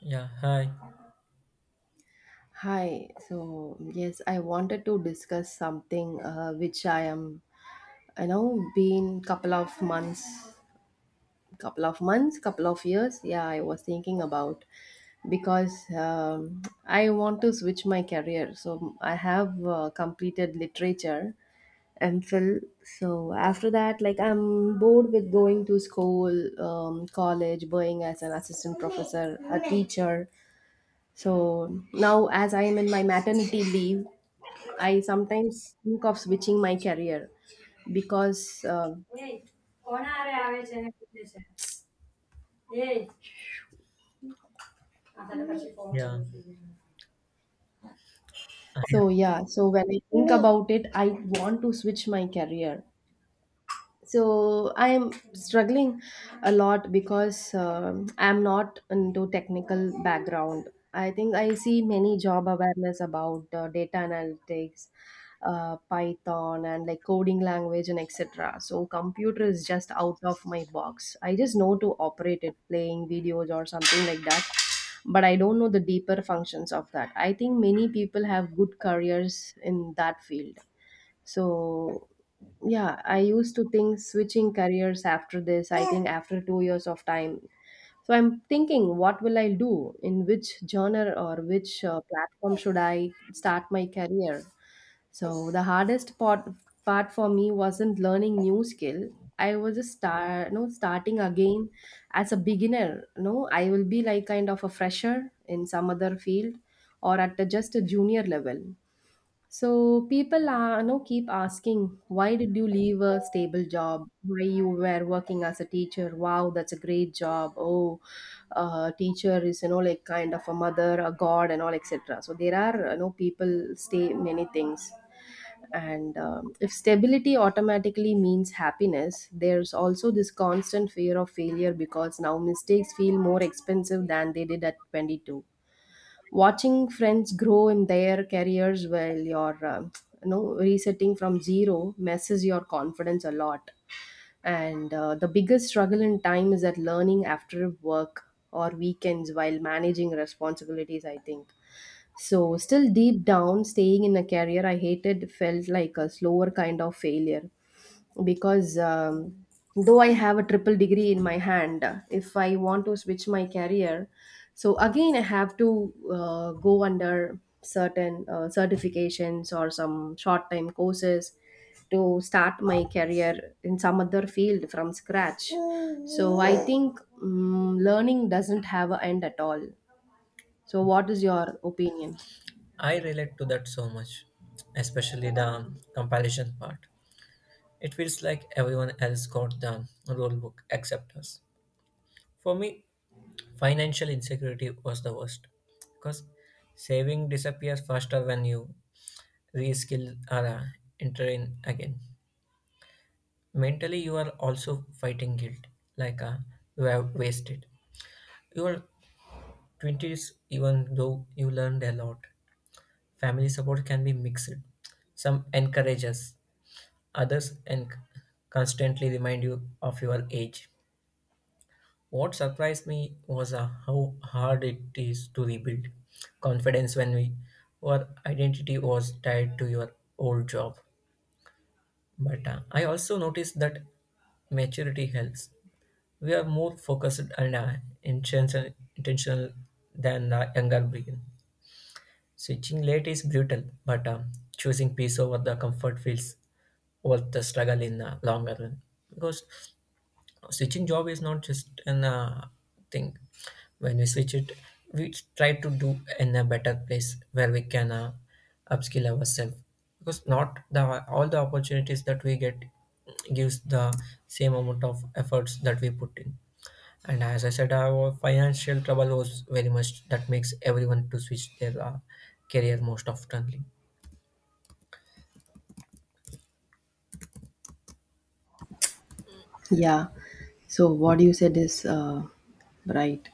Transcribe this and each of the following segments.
Yeah, hi. Hi. So, yes, I wanted to discuss something which I am, I know, been couple of months, couple of years. Yeah, I was thinking about because I want to switch my career. So, I have completed literature MPhil. So, after that, like, I'm bored with going to school, college, going as an assistant professor, a teacher. So, now as I am in my maternity leave, I sometimes think of switching my career because, Yeah, I, so when I think about it, I want to switch my career so I'm struggling a lot because I'm not into technical background. I think I see many job awareness about data analytics, Python and like coding language and etc. So computer is just out of my box. I just know to operate it, playing videos or something like that, but I don't know the deeper functions of that. I think many people have good careers in that field. So yeah, I used to think switching careers after this, I think after 2 years of time. So I'm thinking what will I do, in which genre or which platform should I start my career. So the hardest part for me wasn't learning new skill. I was just start no starting again as a beginner. No, I will be like kind of a fresher in some other field, or at a, just a junior level. So people are, keep asking, why did you leave a stable job? Why you were working as a teacher? Wow, that's a great job. Oh, teacher is, you know, like kind of a mother, a god, and all, etc. So there are, people say many things. And if stability automatically means happiness, there's also this constant fear of failure because now mistakes feel more expensive than they did at 22. Watching friends grow in their careers while you're resetting from zero messes your confidence a lot. And the biggest struggle in time is that learning after work or weekends while managing responsibilities, I think. So still deep down staying in a career I hated felt like a slower kind of failure because though I have a triple degree in my hand, if I want to switch my career, so again I have to go under certain certifications or some short time courses to start my career in some other field from scratch. So I think learning doesn't have an end at all. So what is your opinion? I relate to that so much, especially the compilation part. It feels like everyone else got the rule book except us. For me, financial insecurity was the worst because saving disappears faster when you reskill or enter in again. Mentally, you are also fighting guilt, like you have wasted your 20s, even though you learned a lot. Family support can be mixed. Some encourage us, others and constantly remind you of your age. What surprised me was how hard it is to rebuild confidence when our identity was tied to your old job. But I also noticed that maturity helps. We are more focused and intentional than the younger brain. Switching late is brutal, but choosing peace over the comfort feels worth the struggle in the longer run, because switching job is not just an thing. When we switch it, we try to do in a better place where we can upskill ourselves, because not the all the opportunities that we get gives the same amount of efforts that we put in. And as I said, our financial trouble was very much that makes everyone to switch their career most oftenly. Yeah. So what you said is right,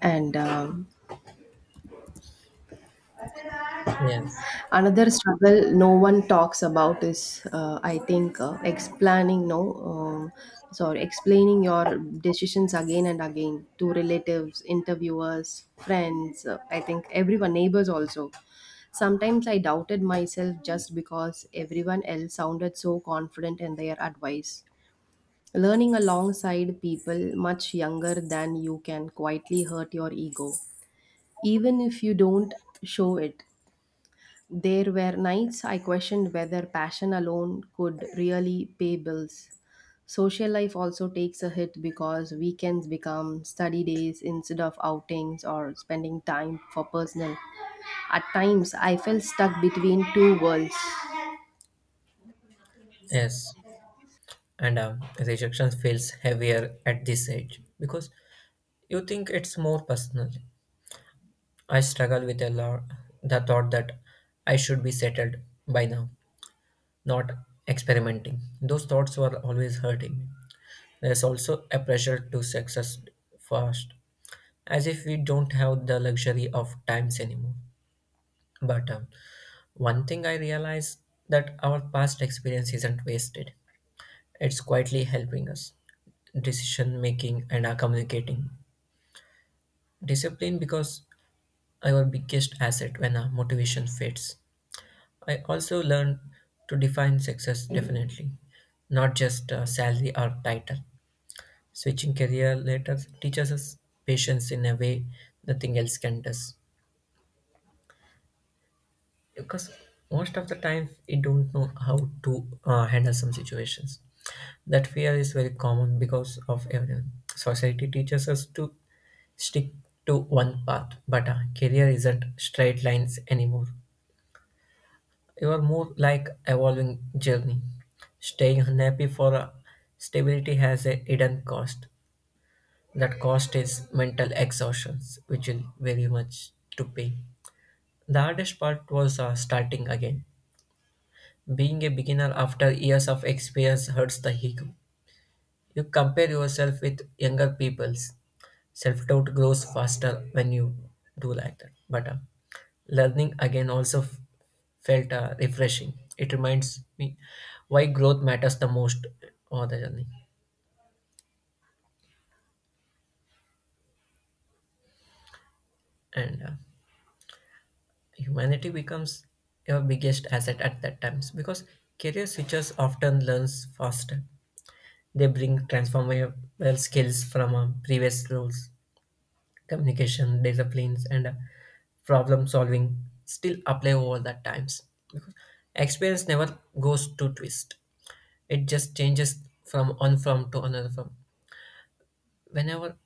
and Yes, another struggle no one talks about is, I think, explaining no, sorry, explaining your decisions again and again to relatives, interviewers, friends. I think everyone, neighbors also. Sometimes I doubted myself just because everyone else sounded so confident in their advice. Learning alongside people much younger than you can quietly hurt your ego, even if you don't show it. There were nights I questioned whether passion alone could really pay bills. Social life also takes a hit because weekends become study days instead of outings or spending time for personal. At times, I felt stuck between two worlds. yes, and rejection feels heavier at this age because you think it's more personal. I struggle with a lot the thought that I should be settled by now, not experimenting. Those thoughts were always hurting me. There's also a pressure to success fast, as if we don't have the luxury of times anymore. But one thing I realize, that our past experience isn't wasted. It's quietly helping us decision making and our communicating. Discipline because our biggest asset when our motivation fades. I also learned to define success definitely, not just salary or title. Switching career later teaches us patience in a way nothing else can does. Because most of the time we don't know how to handle some situations. That fear is very common because of everyone. Society teaches us to stick to one path, but a career isn't straight lines anymore. You are more like evolving journey. Staying unhappy for a stability has a hidden cost. That cost is mental exhaustion, which will very much to pay. The hardest part was starting again. Being a beginner after years of experience hurts the ego. You compare yourself with younger peoples. Self-doubt grows faster when you do like that. But learning again also felt refreshing. It reminds me why growth matters the most on the journey. And humanity becomes your biggest asset at that times, because career switchers often learns faster. They bring transformable skills from previous roles. Communication disciplines and problem solving still apply over the times, because experience never goes to twist. It just changes from one form to another form. Whenever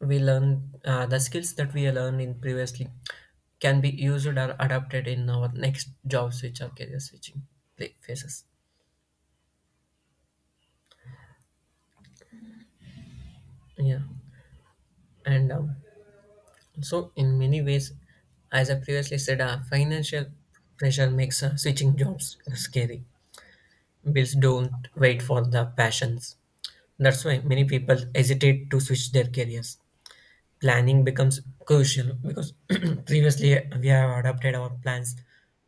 we learn the skills that we learned in previously can be used or adapted in our next job switch or career switching phases. Yeah, and so in many ways, as I previously said, financial pressure makes switching jobs scary. Bills don't wait for the passions. That's why many people hesitate to switch their careers. Planning becomes crucial because previously we have adapted our plans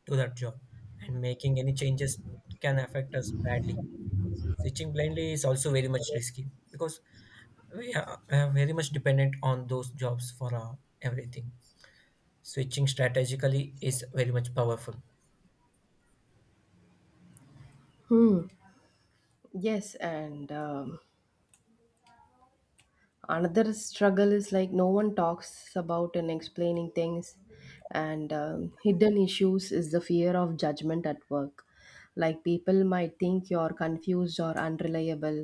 to that job, and making any changes can affect us badly. Switching blindly is also very much risky because we are very much dependent on those jobs for everything. Switching strategically is very much powerful. Yes, and another struggle is like no one talks about and explaining things, and hidden issues is the fear of judgment at work, like people might think you're confused or unreliable.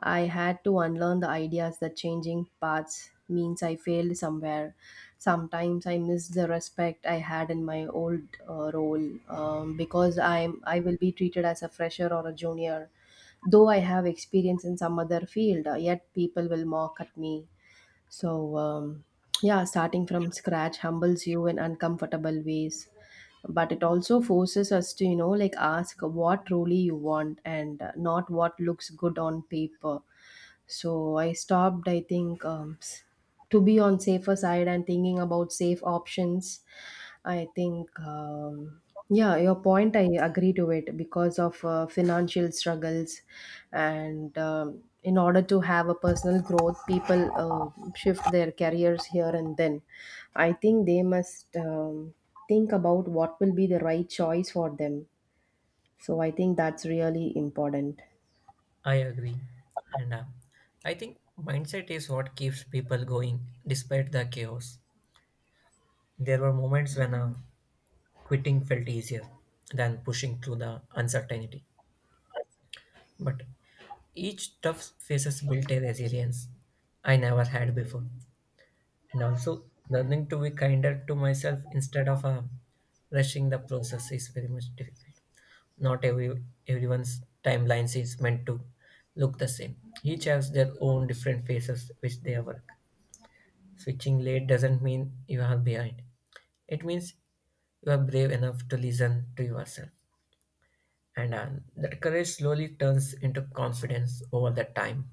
I had to unlearn the ideas that changing paths means I failed somewhere. Sometimes I miss the respect I had in my old role because I will be treated as a fresher or a junior, though I have experience in some other field, yet people will mock at me. So, yeah, starting from scratch humbles you in uncomfortable ways, but it also forces us to, you know, like ask what truly you want and not what looks good on paper. So I stopped, I think, s- to be on safer side and thinking about safe options. I think, yeah, your point, I agree to it because of financial struggles. And in order to have a personal growth, people shift their careers here and then. I think they must think about what will be the right choice for them. So I think that's really important. I agree. And I think mindset is what keeps people going despite the chaos. There were moments when quitting felt easier than pushing through the uncertainty. But each tough phases built a resilience I never had before. And also, learning to be kinder to myself instead of rushing the process is very much difficult. Not every Everyone's timelines is meant to look the same. Each has their own different phases which they work. Switching late doesn't mean you are behind. It means you are brave enough to listen to yourself. And that courage slowly turns into confidence over the time.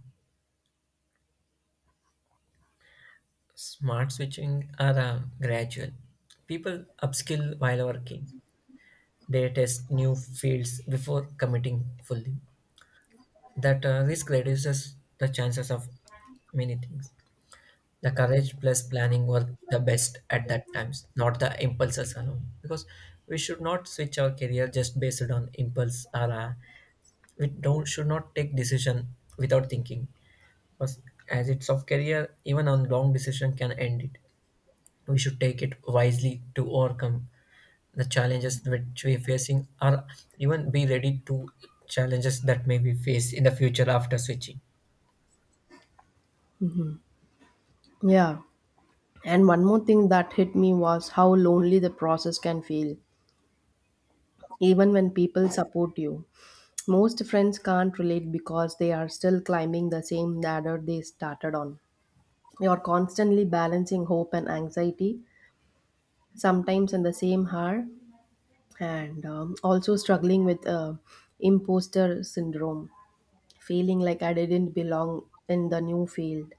Smart switching are gradual. People upskill while working. They test new fields before committing fully. That risk reduces the chances of many things. The courage plus planning were the best at that times, not the impulses alone. Because we should not switch our career just based on impulse, or we don't should not take decision without thinking. Because as it's of career, even on long decision can end it. We should take it wisely to overcome the challenges which we're facing, or even be ready to challenges that may be faced in the future after switching. Yeah. And one more thing that hit me was how lonely the process can feel, even when people support you. Most friends can't relate because they are still climbing the same ladder they started on. You're constantly balancing hope and anxiety, sometimes in the same hour, and also struggling with imposter syndrome, feeling like I didn't belong in the new field.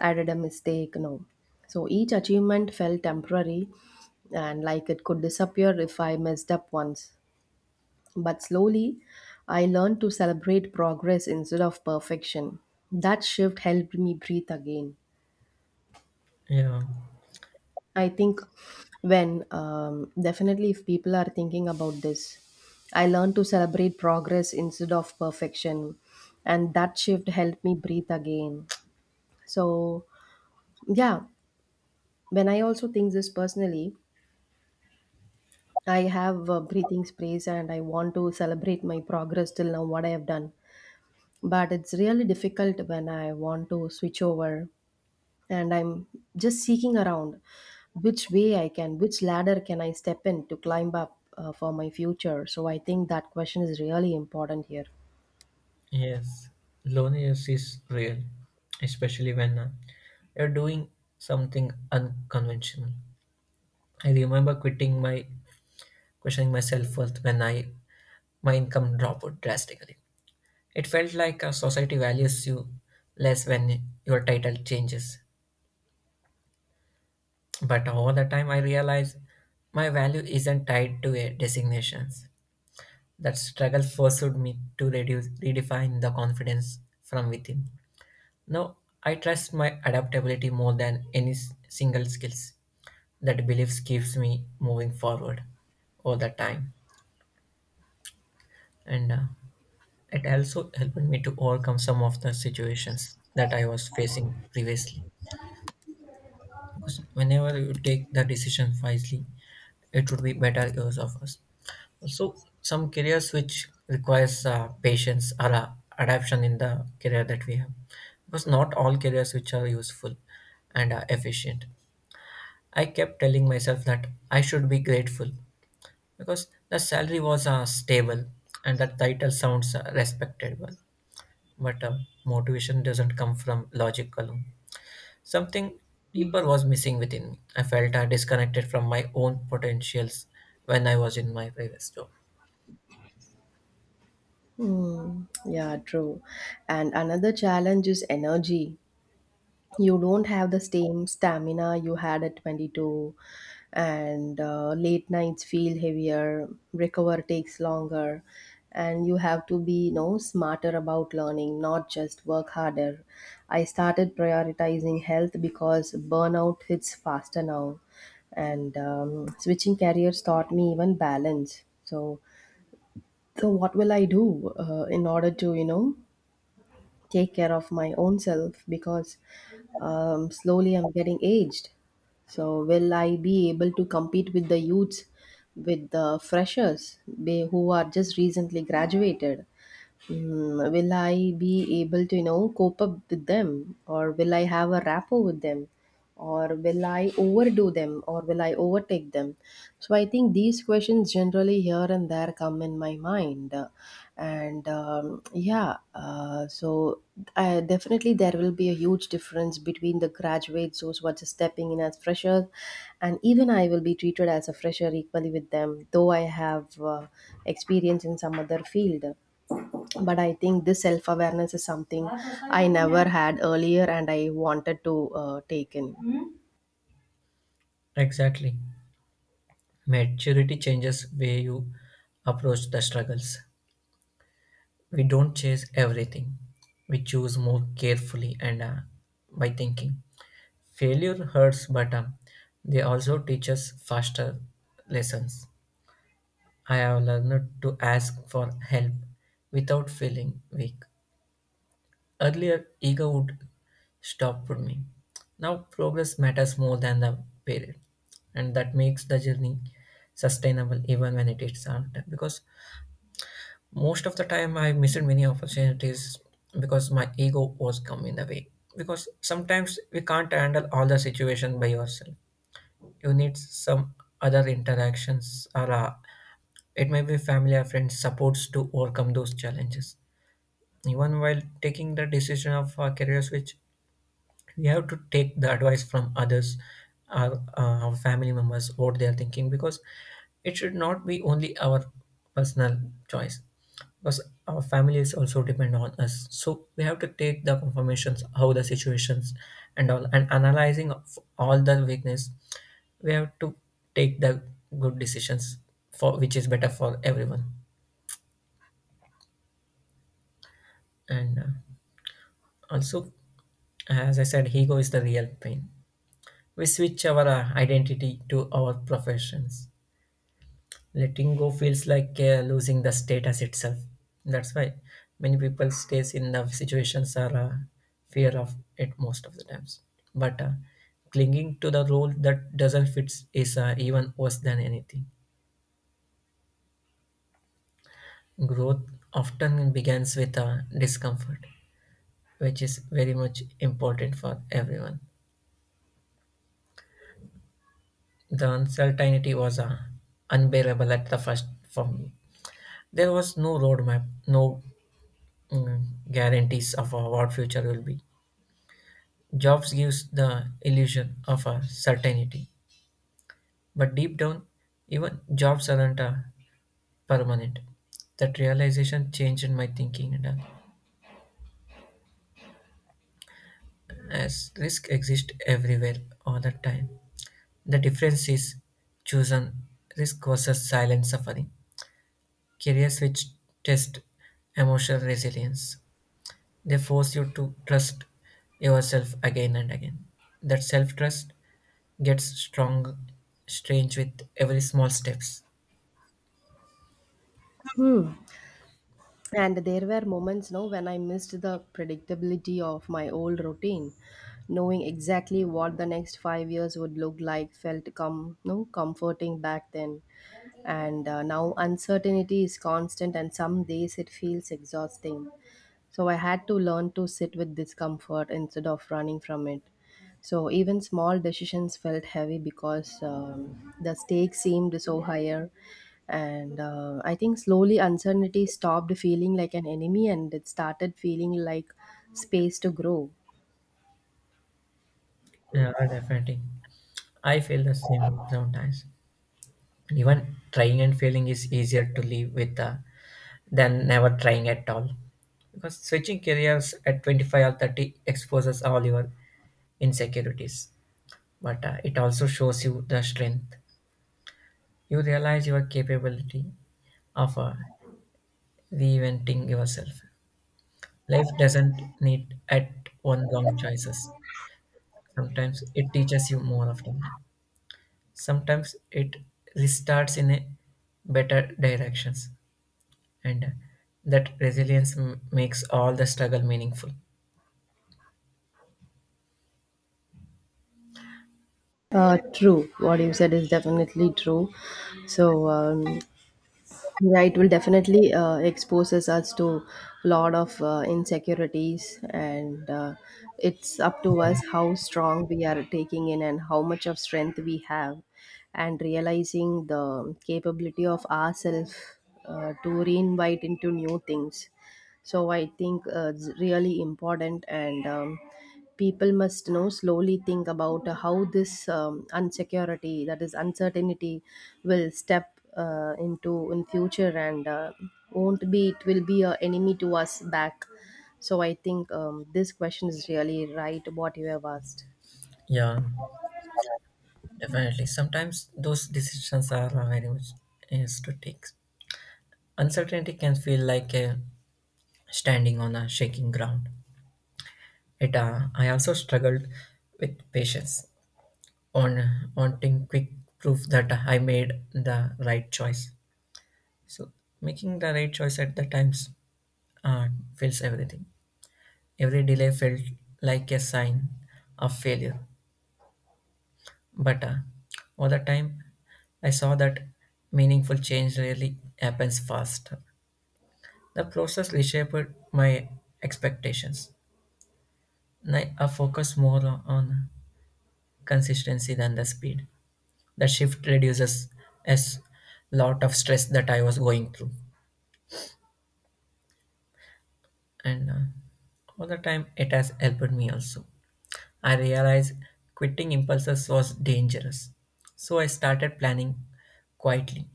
I did a mistake, no. So each achievement felt temporary and like it could disappear if I messed up once. But slowly, I learned to celebrate progress instead of perfection. That shift helped me breathe again. Yeah. I think when definitely if people are thinking about this, I learned to celebrate progress instead of perfection, and that shift helped me breathe again. So, yeah, when I also think this personally, I have breathing sprays and I want to celebrate my progress till now, what I have done. But it's really difficult when I want to switch over and I'm just seeking around which way I can, which ladder can I step in to climb up for my future. So I think that question is really important here. Yes, loneliness is real, especially when you're doing something unconventional. I remember quitting my questioning my self-worth when I my income dropped drastically. It felt like society values you less when your title changes. But all the time, I realized my value isn't tied to a designations. That struggle forced me to reduce redefine the confidence from within. Now, I trust my adaptability more than any single skills. That beliefs keeps me moving forward all the time, and it also helped me to overcome some of the situations that I was facing previously. Because whenever you take the decision wisely, it would be better use of us. So, some careers which requires patience or adaptation in the career that we have, because not all careers which are useful and efficient. I kept telling myself that I should be grateful because the salary was stable and the title sounds respectable. But motivation doesn't come from logic alone. Something deeper was missing within me. I felt disconnected from my own potentials when I was in my previous job. Hmm. Yeah, true. And another challenge is energy. You don't have the same stamina you had at 22, and late nights feel heavier, recover takes longer, and you have to be, you know, smarter about learning, not just work harder. I started prioritizing health because burnout hits faster now. And switching careers taught me even balance. So so what will I do in order to, you know, take care of my own self, because slowly I'm getting aged. So, will I be able to compete with the youths, with the freshers they, who are just recently graduated? Mm, will I be able to, you know, cope up with them? Or will I have a rapport with them? Or will I overdo them? Or will I overtake them? So I think these questions generally here and there come in my mind. And yeah, so definitely there will be a huge difference between the graduates, those who are just stepping in as freshers, and even I will be treated as a fresher equally with them, though I have experience in some other field, but I think this self awareness is something I never had earlier and I wanted to take in. Exactly. Maturity changes way you approach the struggles. We don't chase everything. We choose more carefully and by thinking. Failure hurts, but they also teach us faster lessons. I have learned to ask for help without feeling weak. Earlier, ego would stop me. Now, progress matters more than the period, and that makes the journey sustainable even when it is hard. Because most of the time, I missed many opportunities because my ego was coming in the way. Because sometimes we can't handle all the situation by yourself, you need some other interactions, or it may be family or friends supports to overcome those challenges, even while taking the decision of a career switch. We have to take the advice from others, our family members, what they are thinking, because it should not be only our personal choice, because our family is also depend on us. So we have to take the confirmations how the situations and all, and analyzing of all the weakness, we have to take the good decisions for which is better for everyone. And also, as I said, ego is the real pain. We switch our identity to our professions. Letting go feels like losing the status itself. That's why many people stays in the situations are fear of it most of the times. But clinging to the role that doesn't fit is even worse than anything. Growth often begins with discomfort, which is very much important for everyone. The uncertainty was unbearable at the first for me. There was no roadmap, no mm, guarantees of what future will be. Jobs gives the illusion of a certainty, but deep down, even jobs aren't permanent. That realization changed my thinking, and as risk exists everywhere all the time. The difference is chosen risk versus silent suffering. Career switch test emotional resilience. They force you to trust yourself again and again. That self trust gets strong, strange with every small steps. Hmm. And there were moments no when I missed the predictability of my old routine, knowing exactly what the next 5 years would look like felt com- no comforting back then. And now uncertainty is constant and some days it feels exhausting. So I had to learn to sit with discomfort instead of running from it. So even small decisions felt heavy because the stakes seemed so higher. And I think slowly uncertainty stopped feeling like an enemy and it started feeling like space to grow. Yeah, definitely. I feel the same sometimes. Even trying and failing is easier to live with than never trying at all. Because switching careers at 25 or 30 exposes all your insecurities, but it also shows you the strength. You realize your capability of reinventing yourself. Life doesn't need at one wrong choices. Sometimes it teaches you more often. Sometimes it restarts in a better directions, and that resilience makes all the struggle meaningful. True. What you said is definitely true. So, yeah, it will definitely exposes us to a lot of insecurities, and it's up to Yeah, us how strong we are taking in and how much of strength we have, and realizing the capability of ourselves to reinvite into new things. So I think it's really important, and people must, you know, slowly think about how this insecurity, that is uncertainty, will step into in future and won't be it will be a enemy to us back. So I think this question is really right what you have asked. yeah, definitely. Sometimes those decisions are very much is to take. Uncertainty can feel like standing on a shaking ground. I also struggled with patience, on wanting quick proof that I made the right choice. So making the right choice at the times uh, feels everything. Every delay felt like a sign of failure. But all the time, I saw that meaningful change rarely happens fast. The process reshaped my expectations. And I focus more on consistency than the speed. The shift reduces a lot of stress that I was going through. And All the time it has helped me also. I realized quitting impulses was dangerous, so I started planning quietly.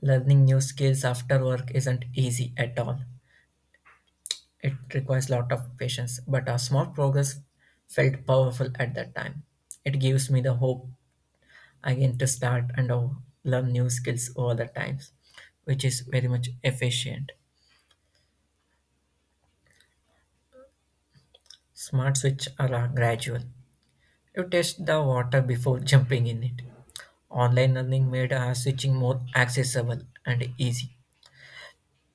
Learning new skills after work isn't easy at all. It requires lot of patience, but a small progress felt powerful at that time. It gives me the hope again to start and learn new skills all the times, which is very much efficient. Smart switch are gradual. You test the water before jumping in it. Online learning made switching more accessible and easy.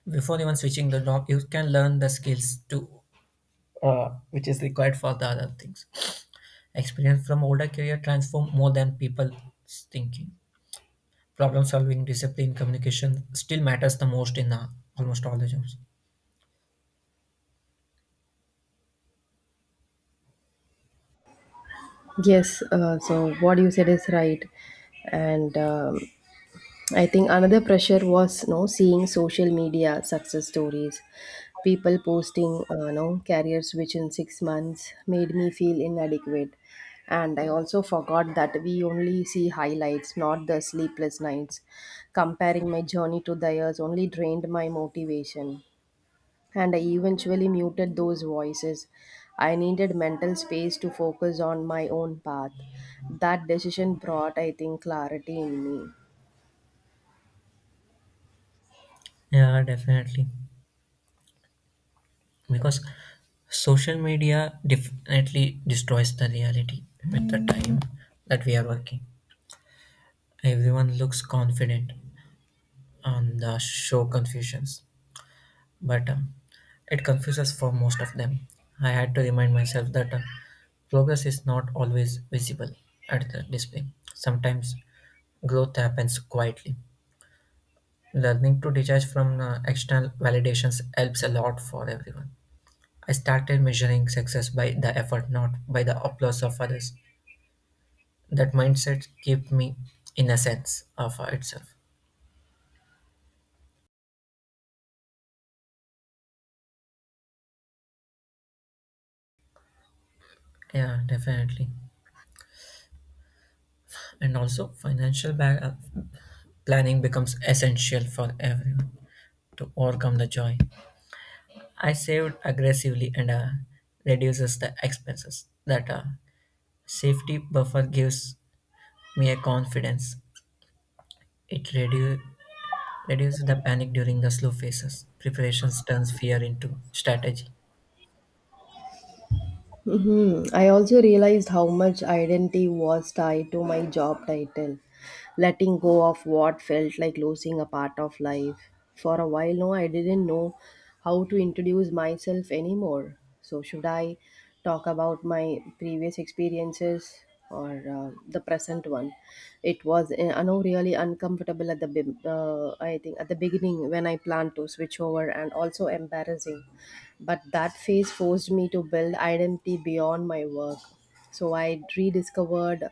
Before even switching the job, you can learn the skills to which is required for the other things. Experience from older career transform more than people's thinking. Problem solving, discipline, communication still matters the most in almost all the jobs. Yes, so what you said is right, and I think another pressure was no seeing social media success stories. People posting no career switch in 6 months made me feel inadequate. And I also forgot that we only see highlights, not the sleepless nights. Comparing my journey to theirs only drained my motivation. And I eventually muted those voices. I needed mental space to focus on my own path. That decision brought, I think, clarity in me. Yeah, definitely. Because social media definitely destroys the reality with the time that we are working. Everyone looks confident on the show Confusions, but it confuses for most of them. I had to remind myself that progress is not always visible at the display. Sometimes growth happens quietly. Learning to detach from external validations helps a lot for everyone. I started measuring success by the effort, not by the applause of others. That mindset kept me in a sense of itself. Yeah, definitely. And also, uh, planning becomes essential for everyone to overcome the joy. I saved aggressively and reduces the expenses. That safety buffer gives me a confidence. It reduces the panic during the slow phases. Preparations turns fear into strategy. Hmm, I also realized how much identity was tied to my job title, letting go of what felt like losing a part of life. For a while now, I didn't know how to introduce myself anymore. So, should I talk about my previous experiences or the present one? It was, I know, really uncomfortable at I think at the beginning when I planned to switch over, and also embarrassing. But that phase forced me to build identity beyond my work. So I rediscovered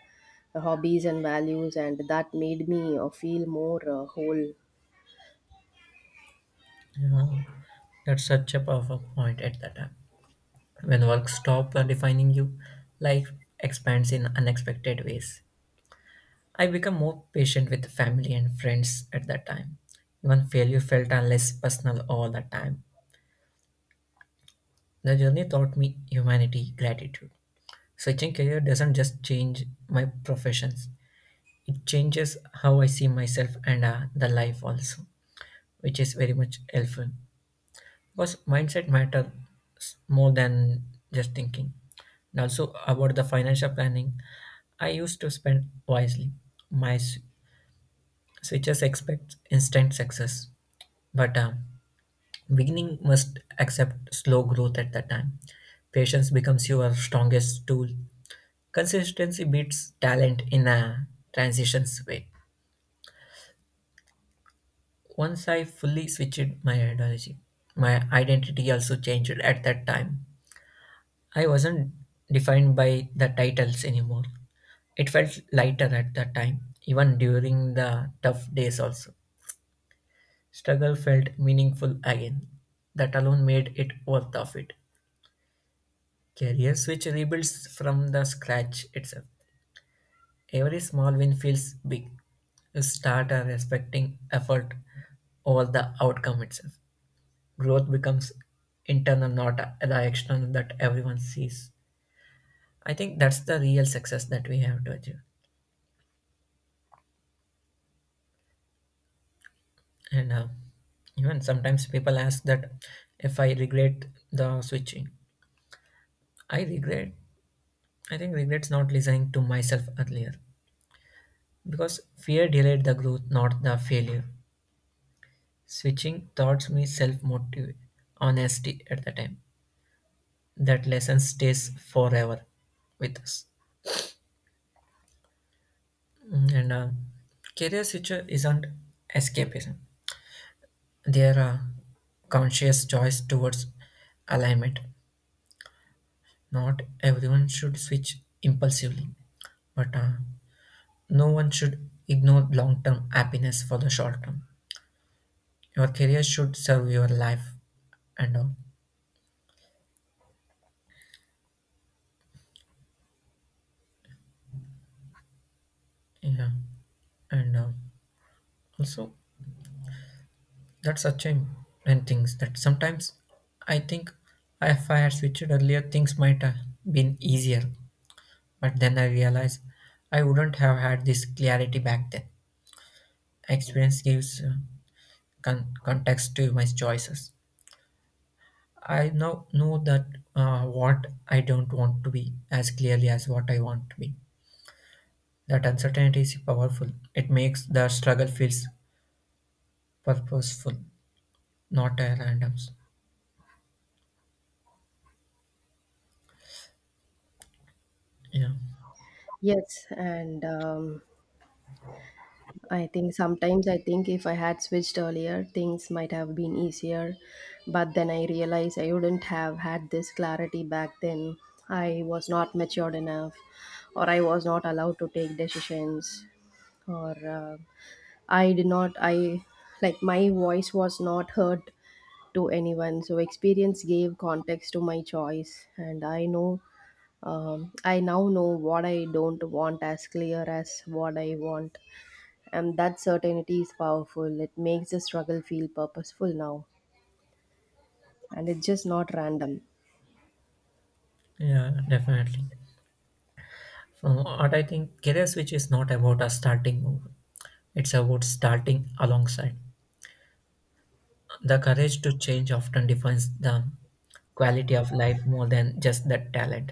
hobbies and values and that made me feel more whole. Yeah, that's such a powerful point at that time. When work stops defining you, life expands in unexpected ways. I became more patient with family and friends at that time. Even failure felt less personal all the time. The journey taught me humanity, gratitude. Switching career doesn't just change my professions, it changes how I see myself and the life also, which is very much helpful. Because mindset matters more than just thinking. And also about the financial planning, I used to spend wisely. My switches expect instant success. But beginning must accept slow growth at that time. Patience becomes your strongest tool. Consistency beats talent in a transitions way. Once I fully switched my ideology, my identity also changed at that time. I wasn't defined by the titles anymore. It felt lighter at that time, even during the tough days also. Struggle felt meaningful again. That alone made it worth of it. Career switch rebuilds from the scratch itself. Every small win feels big. You start respecting effort over the outcome itself. Growth becomes internal, not the external that everyone sees. I think that's the real success that we have to achieve. And Even sometimes people ask that if I regret the switching. I regret. I think regrets not listening to myself earlier because fear delayed the growth, not the failure. Switching taught me self-motive honesty at the time. That lesson stays forever with us. Mm. And Career switcher isn't escapism. They are a conscious choice towards alignment. Not everyone should switch impulsively, but no one should ignore long-term happiness for the short term. Your career should serve your life and all. Yeah, and also that's such a and things that sometimes I think if I had switched earlier, things might have been easier. But then I realized I wouldn't have had this clarity back then. Experience gives context to my choices. I now know that what I don't want to be as clearly as what I want to be. That uncertainty is powerful. It makes the struggle feels purposeful, not a random. Yeah, Yes, and I think sometimes I think if I had switched earlier things might have been easier, but then I realized I wouldn't have had this clarity back then. I was not matured enough, or I was not allowed to take decisions, or I did not I like my voice was not heard to anyone. So experience gave context to my choice and I know, I now know what I don't want as clear as what I want, and that certainty is powerful. It makes the struggle feel purposeful now, and it's just not random. yeah, definitely. From what I think, career switch is not about a starting over. It's about starting alongside. The courage to change often defines the quality of life more than just the talent.